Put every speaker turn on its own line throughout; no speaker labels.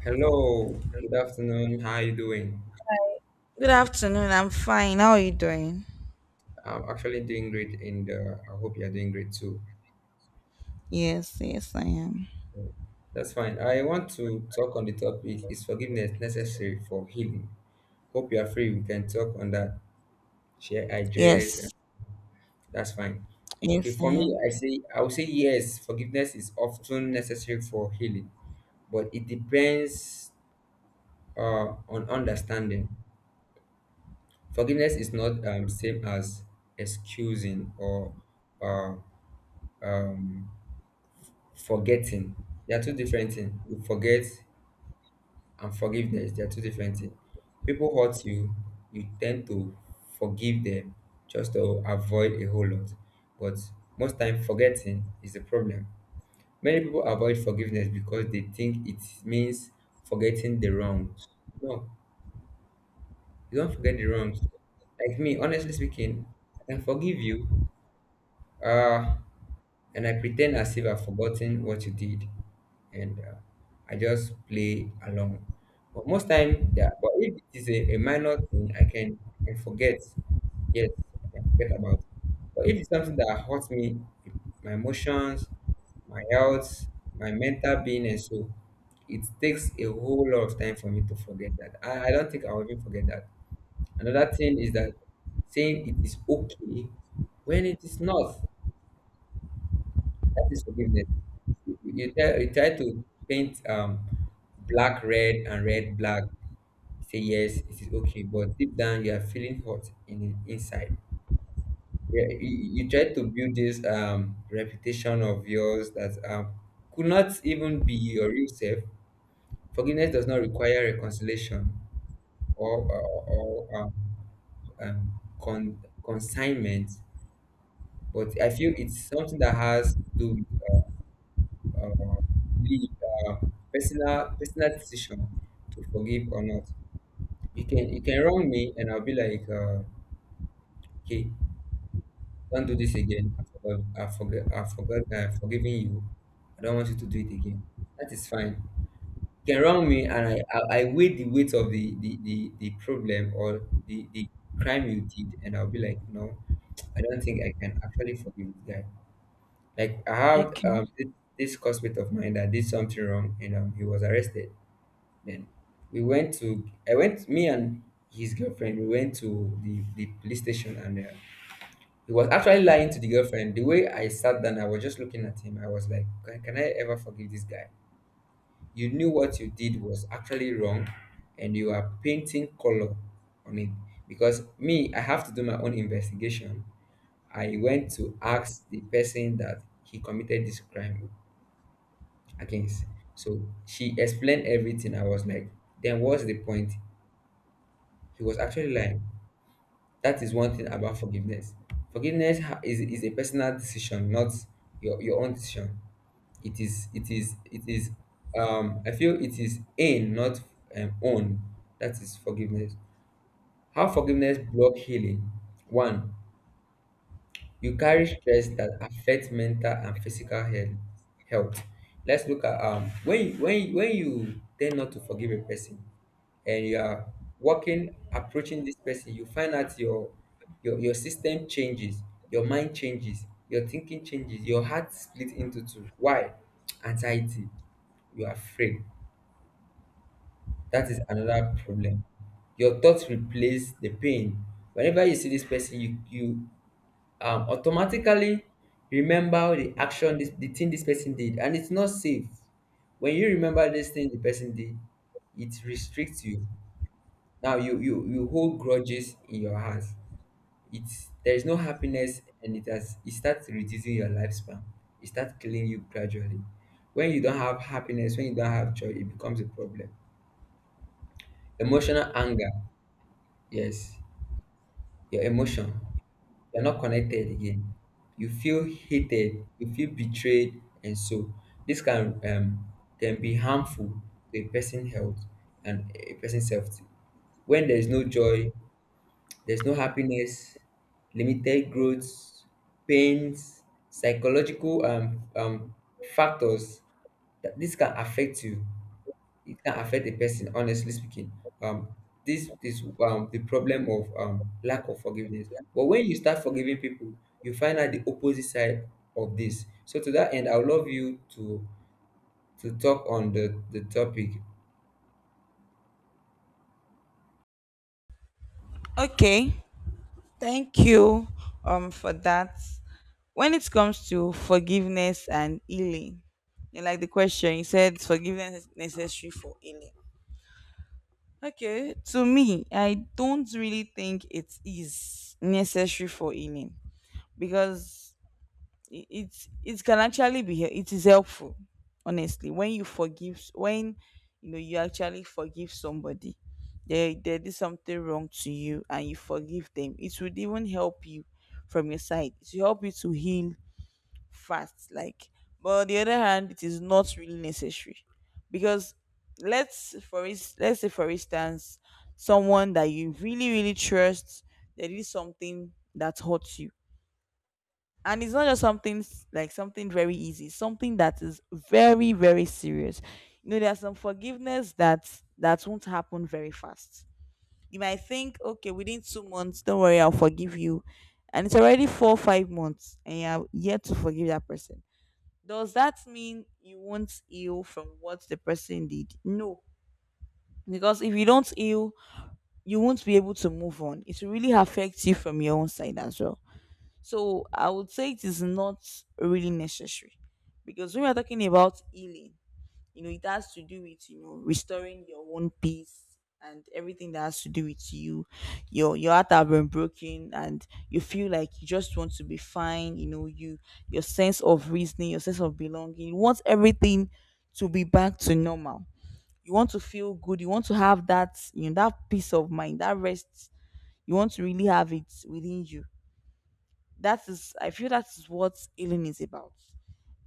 Hello, good afternoon. How are you doing?
Good afternoon. I'm fine. How are you doing?
I'm actually doing great, and I hope you are doing great too.
Yes, yes, I am.
That's fine. I want to talk on the topic: Is forgiveness necessary for healing? Hope you are free. We can talk on that. Share ideas. And
Yes,
that's fine. Okay,
yes, I
for me,
am.
I would say yes. Forgiveness is often necessary for healing, but it depends on understanding. Forgiveness is not same as excusing or uh, um, forgetting. They are two different things: you forget, and forgiveness, they are two different things. People hurt you, you tend to forgive them just to avoid a whole lot. But most time, forgetting is the problem. Many people avoid forgiveness because they think it means forgetting the wrongs. No, you don't forget the wrongs. Like me, honestly speaking, I can forgive you, uh and I pretend as if I've forgotten what you did, and I just play along. But most time, yeah, but if it is a minor thing, I can forget. Yes, I can forget about. But if it's something that hurts me, my emotions, my health, my mental being, and so, it takes a whole lot of time for me to forget that. I don't think I'll even forget that. Another thing is that saying it is okay when it is not. That is forgiveness. You try to paint black red and red black. Say yes, it is okay, but deep down you are feeling hot in inside. Yeah, you try to build this reputation of yours that could not even be your real self. Forgiveness does not require reconciliation or consignment, but I feel it's something that has to do, uh, be, uh, personal decision to forgive or not. You can wrong me, and I'll be like, okay, don't do this again. I've forgiven you. I don't want you to do it again. That is fine. You can wrong me, and I weigh the weight of the problem, or the crime you did, and I'll be like, no, I don't think I can actually forgive this guy. Like I had
Okay.
this, this classmate of mine that did something wrong, and he was arrested. Then we went to I went, me and his girlfriend. We went to the police station, and he was actually lying to the girlfriend. The way I sat down, I was just looking at him. I was like, can I ever forgive this guy? You knew what you did was actually wrong, and you are painting color on it. Because me, I have to do my own investigation. I went to ask the person that he committed this crime against. So she explained everything. I was like, then what's the point? He was actually lying. That is one thing about forgiveness. Is a personal decision, not your own decision. It is it is I feel it is in not, own. That is forgiveness. How forgiveness block healing. One, you carry stress that affects mental and physical health. Let's look at when you, when you tend not to forgive a person and you are walking, approaching this person, you find out your your system changes, your mind changes, your thinking changes, your heart split into two. Why? Anxiety. You are afraid. That is another problem. Your thoughts replace the pain. Whenever you see this person, you automatically remember the action, the thing this person did, and it's not safe. When you remember this thing the person did, it restricts you. Now you you hold grudges in your heart. It's There is no happiness, and it starts reducing your lifespan. It starts killing you gradually. When you don't have happiness, when you don't have joy, it becomes a problem. Emotional anger, yes, your emotion. You're not connected again. You feel hated, you feel betrayed, and so, this can be harmful to a person's health and a person's self. When there is no joy, there's no happiness, limited growth, pains, psychological factors, that this can affect you. It can affect a person, honestly speaking. um this is the problem of lack of forgiveness. But when you start forgiving people, you find out the opposite side of this. So to that end, I would love you to talk on the topic.
Okay. Thank you for that. When it comes to forgiveness and healing, you like the question you said forgiveness is necessary for healing. Okay, to me, I don't really think it is necessary for healing because it can actually be it is helpful honestly when you know you actually forgive somebody, they did something wrong to you and you forgive them, it would even help you. From your side it will help you to heal fast. Like, but on the other hand, it is not really necessary, because let's say for instance someone that you really really trust, they did something that hurts you, and it's not just something like something very easy, something that is very very serious. You know, there's some forgiveness that won't happen very fast. You might think, okay, within 2 months, don't worry, I'll forgive you, and it's already 4 5 months and you're yet to forgive that person. Does that mean you won't heal from what the person did? No, because if you don't heal, you won't be able to move on. It will really affect you from your own side as well. So I would say it is not really necessary, because when we're talking about healing, you know, it has to do with, you know, restoring your own peace and everything that has to do with you. Your heart have been broken and you feel like you just want to be fine. You know, your sense of reasoning, your sense of belonging, you want everything to be back to normal. You want to feel good, you want to have that, you know, that peace of mind, that rest. You want to really have it within you. That is, I feel, that is what healing is about.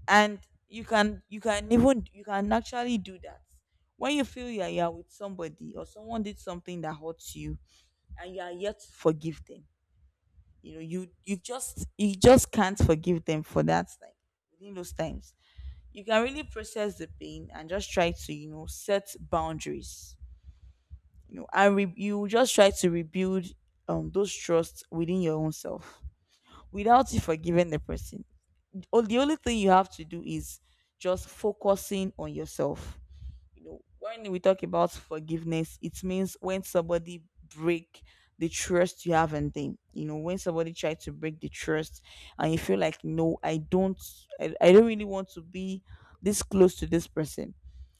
And you can, you can even you can actually do that when you feel you're with somebody, or someone did something that hurts you and you are yet to forgive them. You know, you just can't forgive them for that time. Within those times you can really process the pain and just try to, you know, set boundaries, you know, and you just try to rebuild those trusts within your own self without you forgiving the person. Oh, the only thing you have to do is just focusing on yourself. You know, when we talk about forgiveness, it means when somebody break the trust you have in them. You know, when somebody tries to break the trust and you feel like, no, I don't, I don't really want to be this close to this person.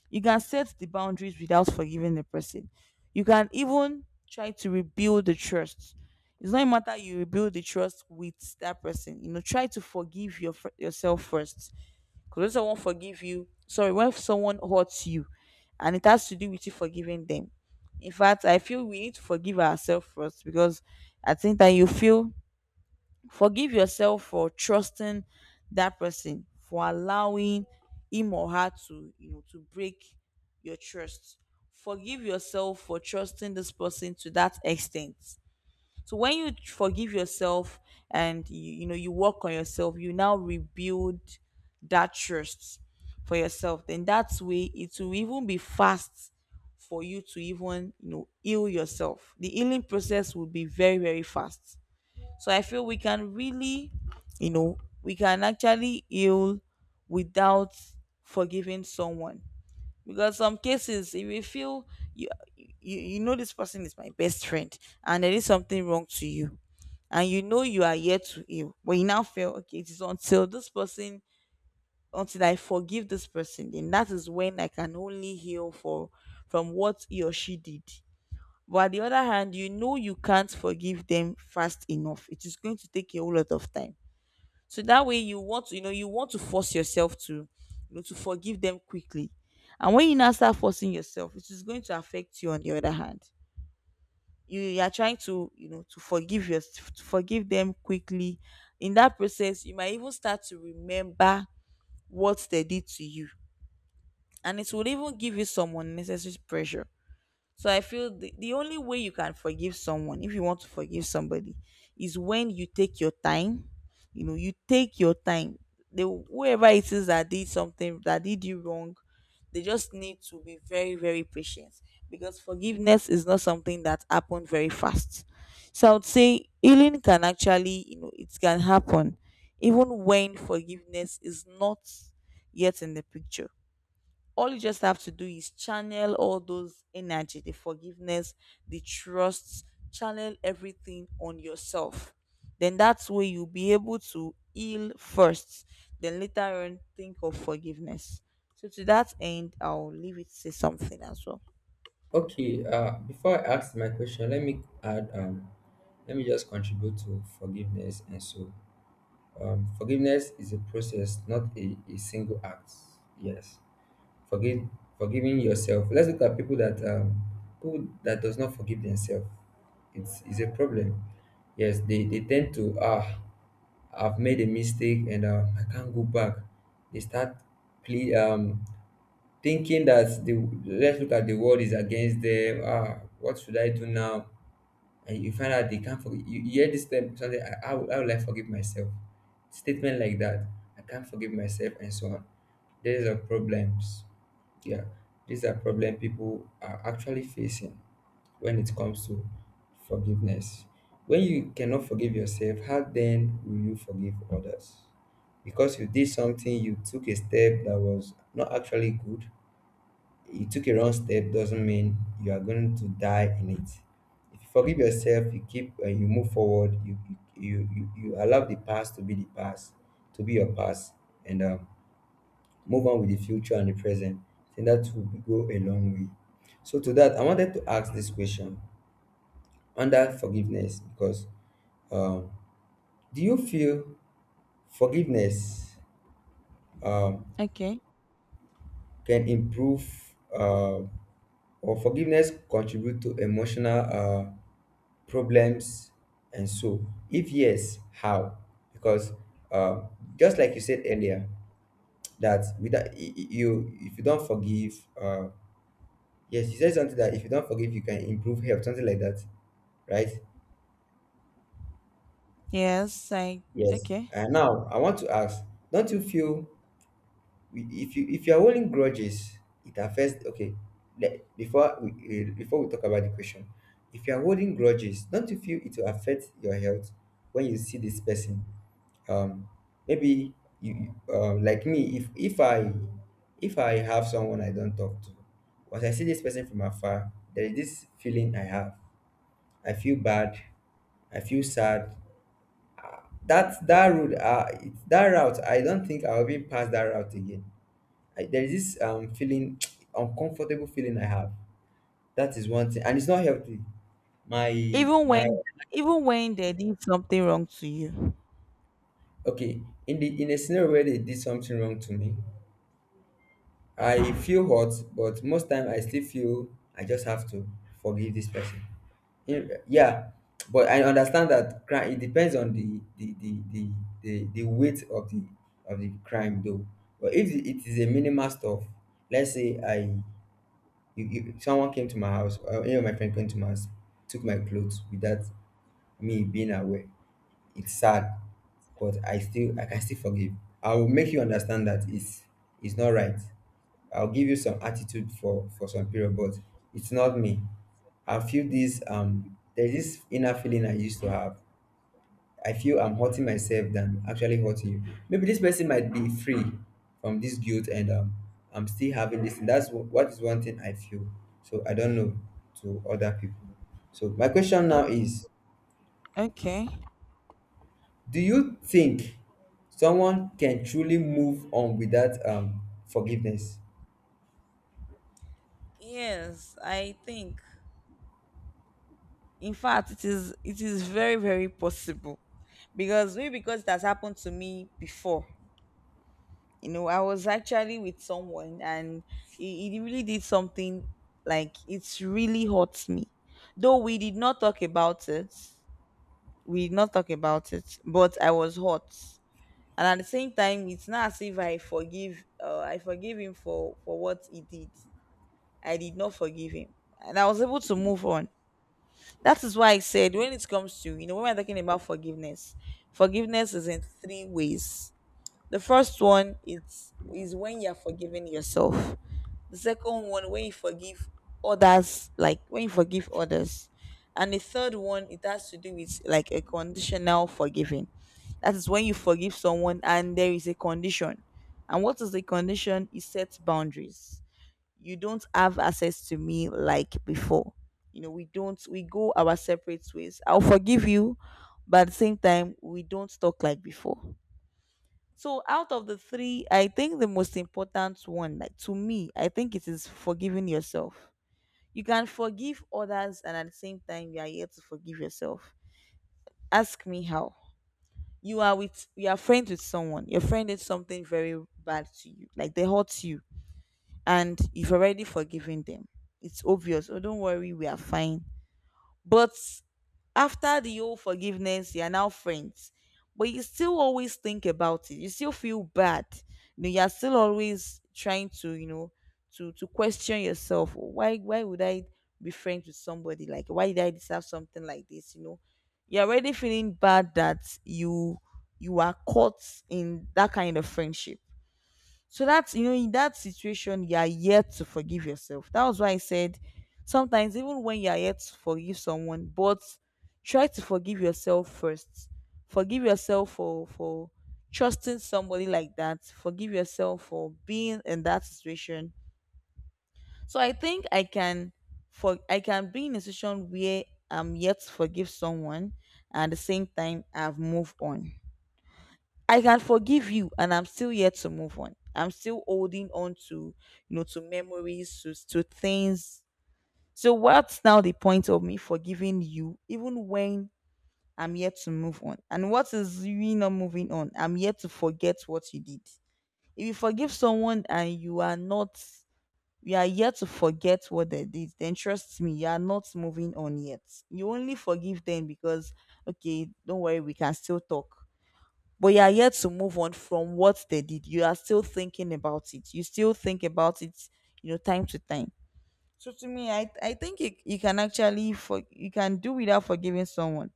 You can set the boundaries without forgiving the person. You can even try to rebuild the trust. It's not a matter you rebuild the trust with that person. You know, try to forgive yourself first. Because when someone forgive you, sorry, when someone hurts you, and it has to do with you forgiving them. In fact, I feel we need to forgive ourselves first. Because I think that you feel, forgive yourself for trusting that person, for allowing him or her to, you know, to break your trust. Forgive yourself for trusting this person to that extent. So when you forgive yourself and you know, you work on yourself, you now rebuild that trust for yourself. Then that's way it will even be fast for you to even, you know, heal yourself. The healing process will be very very fast. So I feel we can really, you know, we can actually heal without forgiving someone. Because some cases, if you feel you, you know this person is my best friend and there is something wrong to you, and you know you are yet to heal, but you now feel okay, it is until this person, until I forgive this person, then that is when I can only heal for from what he or she did. But at the other hand, you know you can't forgive them fast enough. It is going to take a whole lot of time. So that way you want to, you know, you want to force yourself to, you know, to forgive them quickly. And when you now start forcing yourself, it is going to affect you on the other hand. You are trying to, you know, to to forgive them quickly. In that process, you might even start to remember what they did to you. And it will even give you some unnecessary pressure. So I feel the only way you can forgive someone, if you want to forgive somebody, is when you take your time. You know, you take your time. They, whoever it is that did something that did you wrong, they just need to be very, very patient, because forgiveness is not something that happened very fast. So I would say healing can actually, you know, it can happen even when forgiveness is not yet in the picture. All you just have to do is channel all those energy, the forgiveness, the trust, channel everything on yourself. Then that's where you'll be able to heal first, then later on think of forgiveness. So to that end, I'll leave it to say something as well.
Okay, before I ask my question, let me add, let me just contribute to forgiveness and so, forgiveness is a process, not a single act. Yes. Forgive, Forgiving yourself. Let's look at people that does not forgive themselves. It's a problem. Yes, they tend to, ah, I've made a mistake, and I can't go back. They start play, um, thinking that the, let's look at, the world is against them. Ah, what should I do now? And you find out they can't forgive. You hear this term, something. How will I forgive myself? Statement like that. I can't forgive myself, and so on. There is a problems. Yeah, these are problems people are actually facing when it comes to forgiveness. When you cannot forgive yourself, how then will you forgive others? Because you did something, you took a step that was not actually good. You took a wrong step. Doesn't mean you are going to die in it. If you forgive yourself, you keep and you move forward. You allow the past to be the past, to be your past, and move on with the future and the present. I think that will go a long way. So to that, I wanted to ask this question under forgiveness, because um, do you feel forgiveness um,
Okay.
can improve, or forgiveness contribute to emotional problems? And so, if yes, how? Because uh, just like you said earlier, that without you, if you don't forgive, uh, yes, you said something that if you don't forgive, you can improve health, something like that, right?
Yes, I.
Yes.
Okay.
And now I want to ask, don't you feel, if you are holding grudges, it affects? Okay, before we, before we talk about the question, if you are holding grudges, don't you feel it will affect your health when you see this person? Um, Maybe you, like me. If I have someone I don't talk to, once I see this person from afar, there is this feeling I have. I feel bad, I feel sad. That road, that route, I don't think I'll be past that route again. There is this feeling, uncomfortable feeling I have. That is one thing, and it's not healthy. My
Even
my
when, even when they did something wrong to you.
Okay. In the, in a scenario where they did something wrong to me, I feel hot, but most time I still feel I just have to forgive this person. In- Yeah, but I understand that crime. It depends on the weight of the, of the crime, though. But if it is a minimal stuff, let's say I, someone came to my house, or any of my friend came to my house, took my clothes without me being aware. It's sad, but I can still forgive. I will make you understand that it's not right. I'll give you some attitude for some period, but it's not me. I feel this there's this inner feeling I used to have. I feel I'm hurting myself than actually hurting you. Maybe this person might be free from this guilt, and I'm still having this. What is one thing I feel. So I don't know to other people. So my question now
Okay.
is,
Okay,
do you think someone can truly move on without forgiveness?
yes, I think, in fact, it is, it is very very possible. Because maybe because it has happened to me before. You know, I was actually with someone, and he really did something. Like, it's really hurt me, though we did not talk about it. We did not talk about it, but I was hurt. And at the same time, it's not as if I forgive, I forgive him for what he did. I did not forgive him, and I was able to move on. That is why I said when it comes to, you know, when we're talking about forgiveness, forgiveness is in three ways. The first one is when you're forgiving yourself. The second one, when you forgive others, like when you forgive others. And the third one, it has to do with like a conditional forgiving. That is when you forgive someone and there is a condition. And what is the condition? It sets boundaries, you don't have access to me like before. You know, we don't, we go our separate ways. I'll forgive you, but at the same time, we don't talk like before. So, out of the three, I think the most important one, like to me, I think it is forgiving yourself. You can forgive others, and at the same time, you are here to forgive yourself. Ask me how. You are with, you are friends with someone. Your friend did something very bad to you, like they hurt you, and you've already forgiven them. It's obvious. Oh, don't worry, we are fine. But after the whole forgiveness, you are now friends. But you still always think about it. You still feel bad. You know, you are still always trying to, you know, to question yourself. Why would I be friends with somebody? Like, why did I deserve something like this? You know, you're already feeling bad that you are caught in that kind of friendship. So that's, you know, in that situation, you are yet to forgive yourself. That was why I said sometimes even when you are yet to forgive someone, but try to forgive yourself first. Forgive yourself for trusting somebody like that. Forgive yourself for being in that situation. So I think I can, for I can be in a situation where I'm yet to forgive someone and at the same time I've moved on. I can forgive you and I'm still yet to move on. I'm still holding on to, you know, to memories, to things. So what's now the point of me forgiving you even when I'm yet to move on? And what is you not moving on? I'm yet to forget what you did. If you forgive someone and you are not, you are yet to forget what they did, then trust me, you are not moving on yet. You only forgive them because, okay, don't worry, we can still talk, but you are yet to move on from what they did. You are still thinking about it. You still think about it, you know, time to time. So to me, I think you, you can actually for you can do without forgiving someone,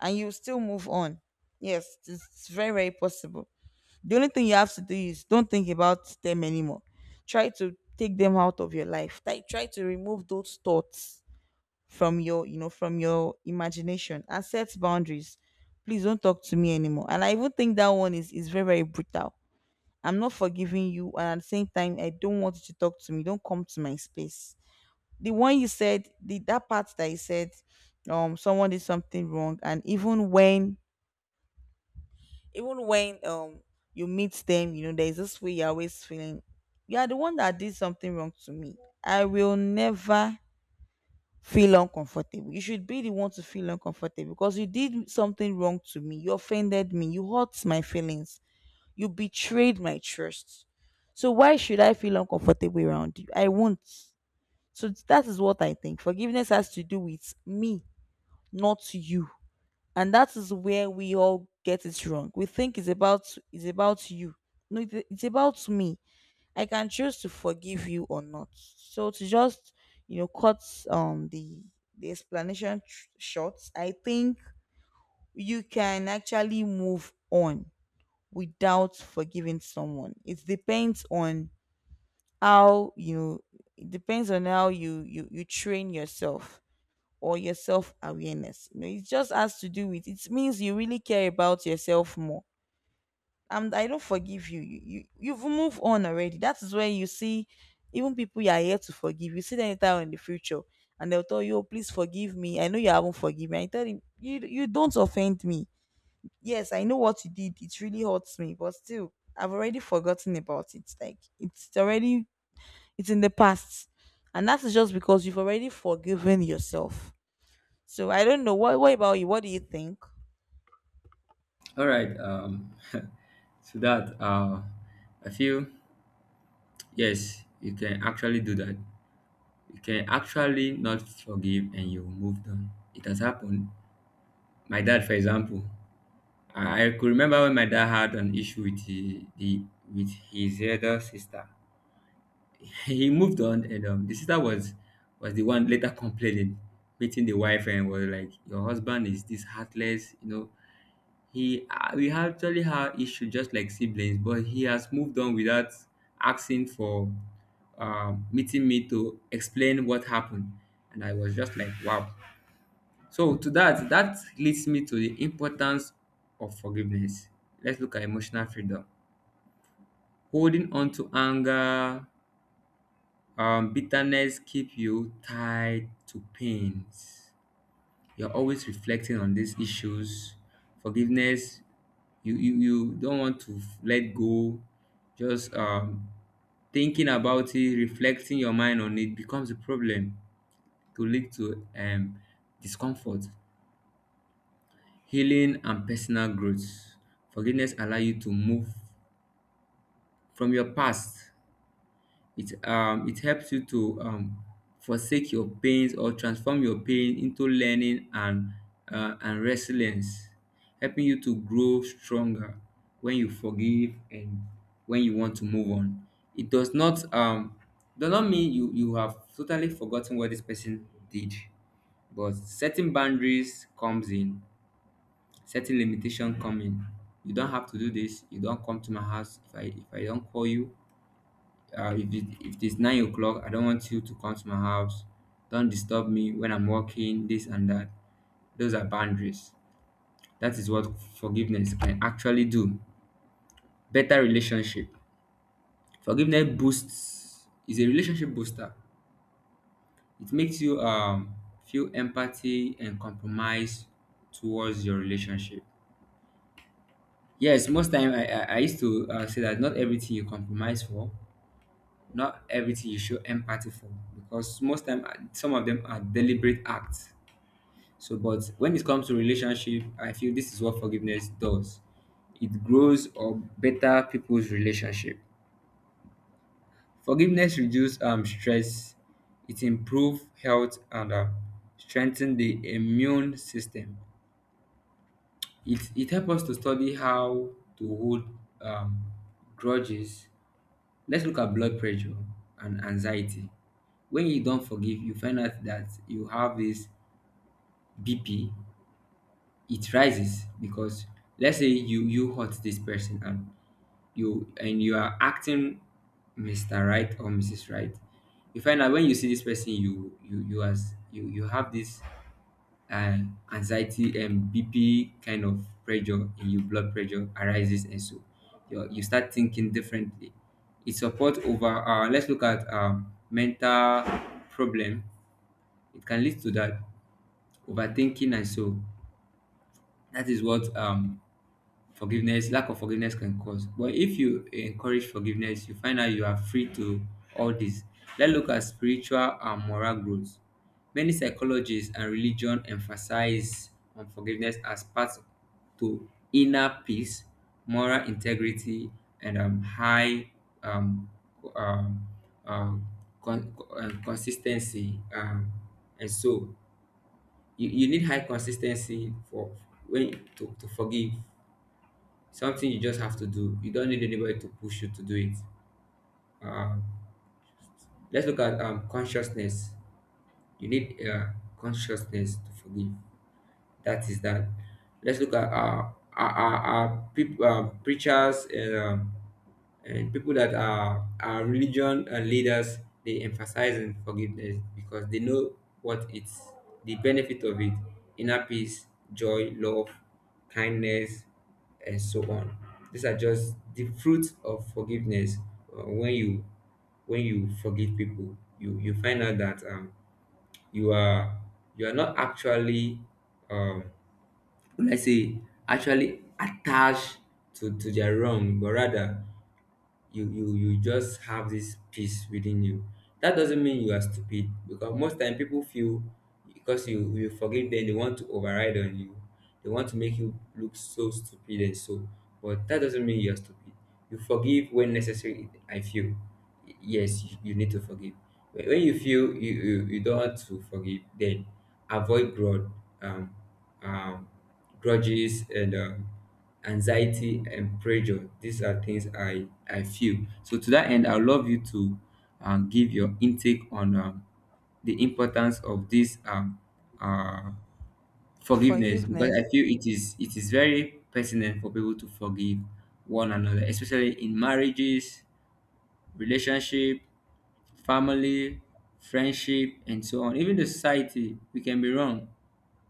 and you still move on. Yes, it's very very possible. The only thing you have to do is don't think about them anymore. Try to take them out of your life. Try to remove those thoughts from your from your imagination and set boundaries. Please don't talk to me anymore. And I even think that one is very brutal. I'm not forgiving you, and at the same time I don't want you to talk to me. Don't come to my space. The one you said, the that part that you said, someone did something wrong, and even when even when um you meet them, you know, there's this way you're always feeling you are the one that did something wrong to me. I will never feel uncomfortable. You should be the one to feel uncomfortable because you did something wrong to me. You offended me. You hurt my feelings. You betrayed my trust. So why should I feel uncomfortable around you? I won't. So that is what I think. Forgiveness has to do with me, not you. And that is where we all get it wrong. We think it's about you. No, it's about me. I can choose to forgive you or not. So to just cut um the the explanation short, I think you can actually move on without forgiving someone. It depends on how, it depends on how you train yourself or your self awareness. You know, it just has to do with, it means you really care about yourself more. I don't forgive you. You've moved on already. That is where you see even people you are here to forgive. You see them later in the future and they'll tell you, oh, please forgive me. I know you haven't forgiven me. I tell him, you don't offend me. Yes, I know what you did. It really hurts me, but still, I've already forgotten about it. Like, it's already, it's in the past. And that's just because you've already forgiven yourself. So I don't know. What about you? What do you think?
All right. Um, to that, I feel do that you can actually not forgive and you moved on. It has happened. My dad, for example, I could remember when my dad had an issue with the with his elder sister. He moved on, and the sister was the one later complaining, beating the wife, and was like, "Your husband is this heartless," you know. He, we actually had issue just like siblings, but he has moved on without asking for, meeting me to explain what happened, and I was just like, wow. So to that, that leads me to the importance of forgiveness. Let's look at emotional freedom. Holding on to anger, bitterness keep you tied to pains. You're always reflecting on these issues. Forgiveness, you don't want to let go. Just thinking about it, reflecting your mind on it becomes a problem, to lead to discomfort. Healing and personal growth, forgiveness allow you to move from your past. It helps you to forsake your pains or transform your pain into learning and resilience, helping you to grow stronger when you forgive and when you want to move on. It does not mean you have totally forgotten what this person did, but setting boundaries comes in, setting limitation come in. You don't have to do this. You don't come to my house if I don't call you. If it's 9 o'clock, I don't want you to come to my house. Don't disturb me when I'm working, this and that. Those are boundaries. That is what forgiveness can actually do. Better relationship. Forgiveness boosts, is a relationship booster. It makes you feel empathy and compromise towards your relationship. Yes, most time I used to say that not everything you compromise for, not everything you show empathy for, because most time some of them are deliberate acts. So but when it comes to relationship, I feel this is what forgiveness does. It grows or better people's relationship. Forgiveness reduce stress, it improve health and strengthen the immune system. It helps us to study how to hold um, grudges. Let's look at blood pressure and anxiety. When you don't forgive, you find out that you have this BP. It rises because, let's say, you hurt this person and you, and you are acting Mr. Right or Mrs. Right. You find out when you see this person, you as you you have this and anxiety and bp kind of pressure in your blood pressure arises, and so you start thinking differently. It support over let's look at mental problem, it can lead to that, overthinking and so. That is what forgiveness, lack of forgiveness can cause. But if you encourage forgiveness, you find out you are free to all this. Let's look at spiritual and moral growth. Many psychologists and religion emphasize on forgiveness as part to inner peace, moral integrity, and um, um, um, consistency. And so you need high consistency for when to forgive. Something you just have to do. You don't need anybody to push you to do it. Um, let's look at consciousness. You need consciousness to forgive. That is that. Let's look at our preachers, and people that are religion leaders. They emphasize on forgiveness because they know what it's the benefit of it: inner peace, joy, love, kindness, and so on. These are just the fruits of forgiveness. uh, when you when you forgive people, you find out that you are, you are not actually, um let's say, actually attached to their wrong, but rather you just have this peace within you. That doesn't mean you are stupid, because most time people feel, because you forgive them, they want to override on you, they want to make you look so stupid and so. But that doesn't mean you're stupid. You forgive when necessary, I feel. Yes, you need to forgive. When you feel you don't want to forgive, then avoid grudge, um, um, grudges and anxiety and pressure, these are things I feel. So to that end, I love you to give your intake on the importance of this uh, forgiveness, because
Forgiveness.
I feel it is very pertinent for people to forgive one another, especially in marriages, relationship, family, friendship, and so on. Even the society, we can be wrong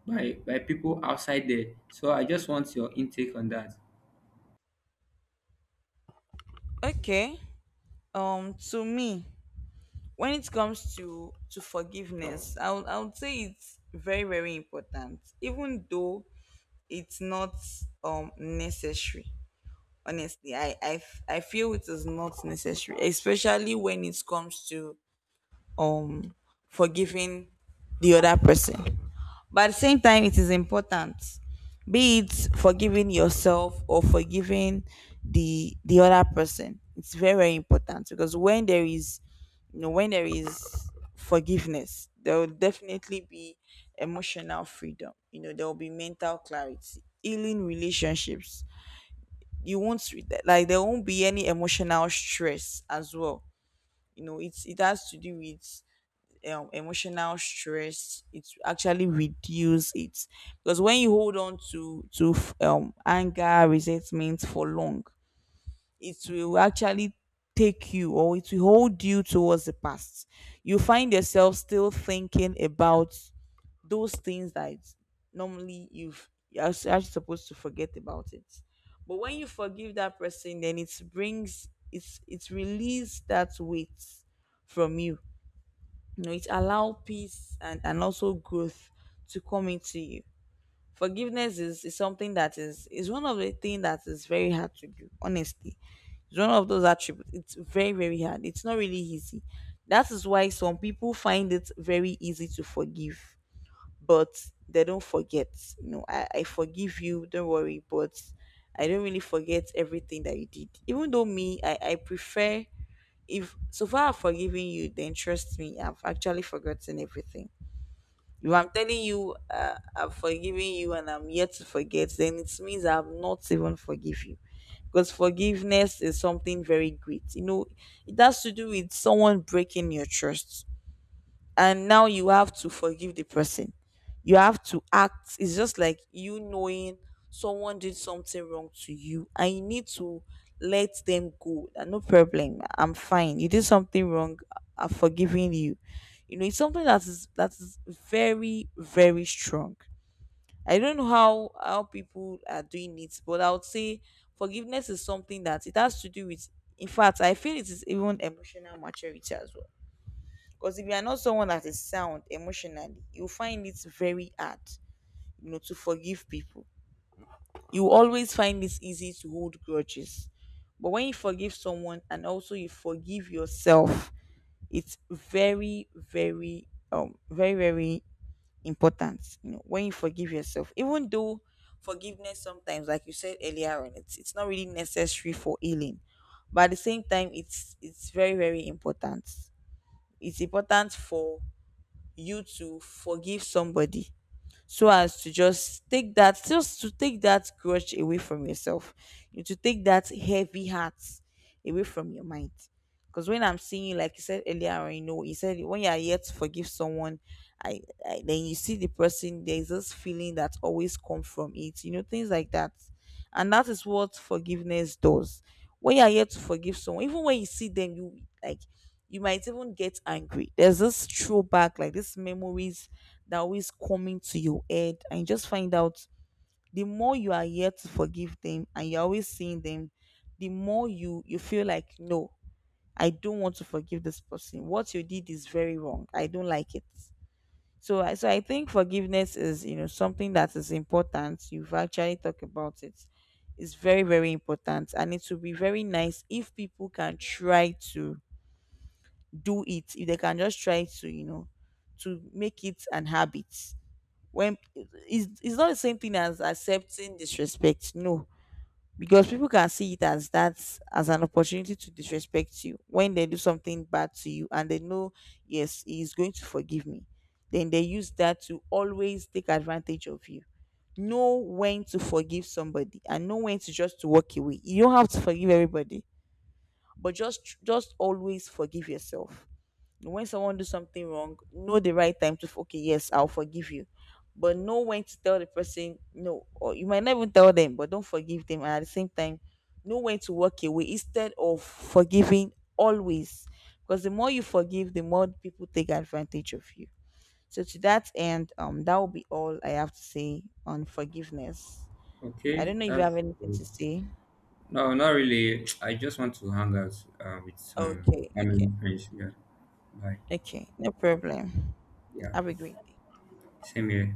by people outside there. So I just want your intake on that.
Okay. To me, when it comes to forgiveness, I would say it's very important, even though it's not necessary. Honestly, I feel it is not necessary, especially when it comes to um forgiving the other person. But at the same time, it is important, be it forgiving yourself or forgiving the other person. It's very important, because when there is, you know, when there is forgiveness, there will definitely be emotional freedom. You know, there will be mental clarity, healing relationships. You won't like, there won't be any emotional stress as well. You know, it has to do with, emotional stress, it actually reduce it. Because when you hold on to anger, resentment for long, it will actually take you, or it will hold you towards the past. You find yourself still thinking about those things that normally you're actually supposed to forget about it. But when you forgive that person, then it brings, it's release that weight from you. You know, it allow peace and also growth to come into you. Forgiveness is something that is one of the things that is very hard to do, honestly. It's one of those attributes. It's very hard. It's not really easy. That is why some people find it very easy to forgive, but they don't forget. You know, I forgive you, don't worry, but I don't really forget everything that you did. Even though me, I prefer, if so far I've forgiven you, then trust me, I've actually forgotten everything. If I'm telling you I've forgiven you and I'm yet to forget, then it means I've not even forgive you. Because forgiveness is something very great. You know, it has to do with someone breaking your trust, and now you have to forgive the person. You have to act. It's just like you knowing someone did something wrong to you, and you need to let them go. That no problem. I'm fine. You did something wrong. I'm forgiving you. You know, it's something that is very strong. I don't know how people are doing it, but I would say forgiveness is something that it has to do with. In fact, I feel it is even emotional maturity as well, because if you are not someone that is sound emotionally, you find it very hard, you know, to forgive people. You always find it easy to hold grudges. But when you forgive someone and also you forgive yourself, it's very, very important. You know, when you forgive yourself, even though forgiveness sometimes, like you said earlier on, it's not really necessary for healing. But at the same time, it's very, very important. It's important for you to forgive somebody, so as to just take that, just to take that grudge away from yourself, you to take that heavy heart away from your mind. Because when I'm seeing you, like you said earlier on, you know, you said when you are here to forgive someone, I, I then you see the person, there's this feeling that always comes from it, you know, things like that. And that is what forgiveness does. When you are here to forgive someone, even when you see them, you like, you might even get angry, there's this throwback, like these memories that always coming to your head. And you just find out, the more you are here to forgive them and you're always seeing them, the more you feel like, no, I don't want to forgive this person. What you did is very wrong, I don't like it. So I think forgiveness is, you know, something that is important. You've actually talked about it. It's very important, and it would be very nice if people can try to do it, if they can just try to, you know, to make it an habit. When It's not the same thing as accepting disrespect. No. Because people can see it as that, as an opportunity to disrespect you. When they do something bad to you and they know, yes, he's going to forgive me, then they use that to always take advantage of you. Know when to forgive somebody and know when to just to walk away. You don't have to forgive everybody, but just always forgive yourself. When someone do something wrong, know the right time to okay, yes, I'll forgive you. But know when to tell the person no, or you might not even tell them but don't forgive them. And at the same time, know when to walk away instead of forgiving always. Because the more you forgive, the more people take advantage of you. So to that end, that will be all I have to say on forgiveness. I
Okay,
don't know if you have
that's
anything to say.
no, not really. I just want to hang out with some
Okay, okay.
family friends. Yeah, bye.
Okay, no problem.
Yeah,
Have a great day.
same here.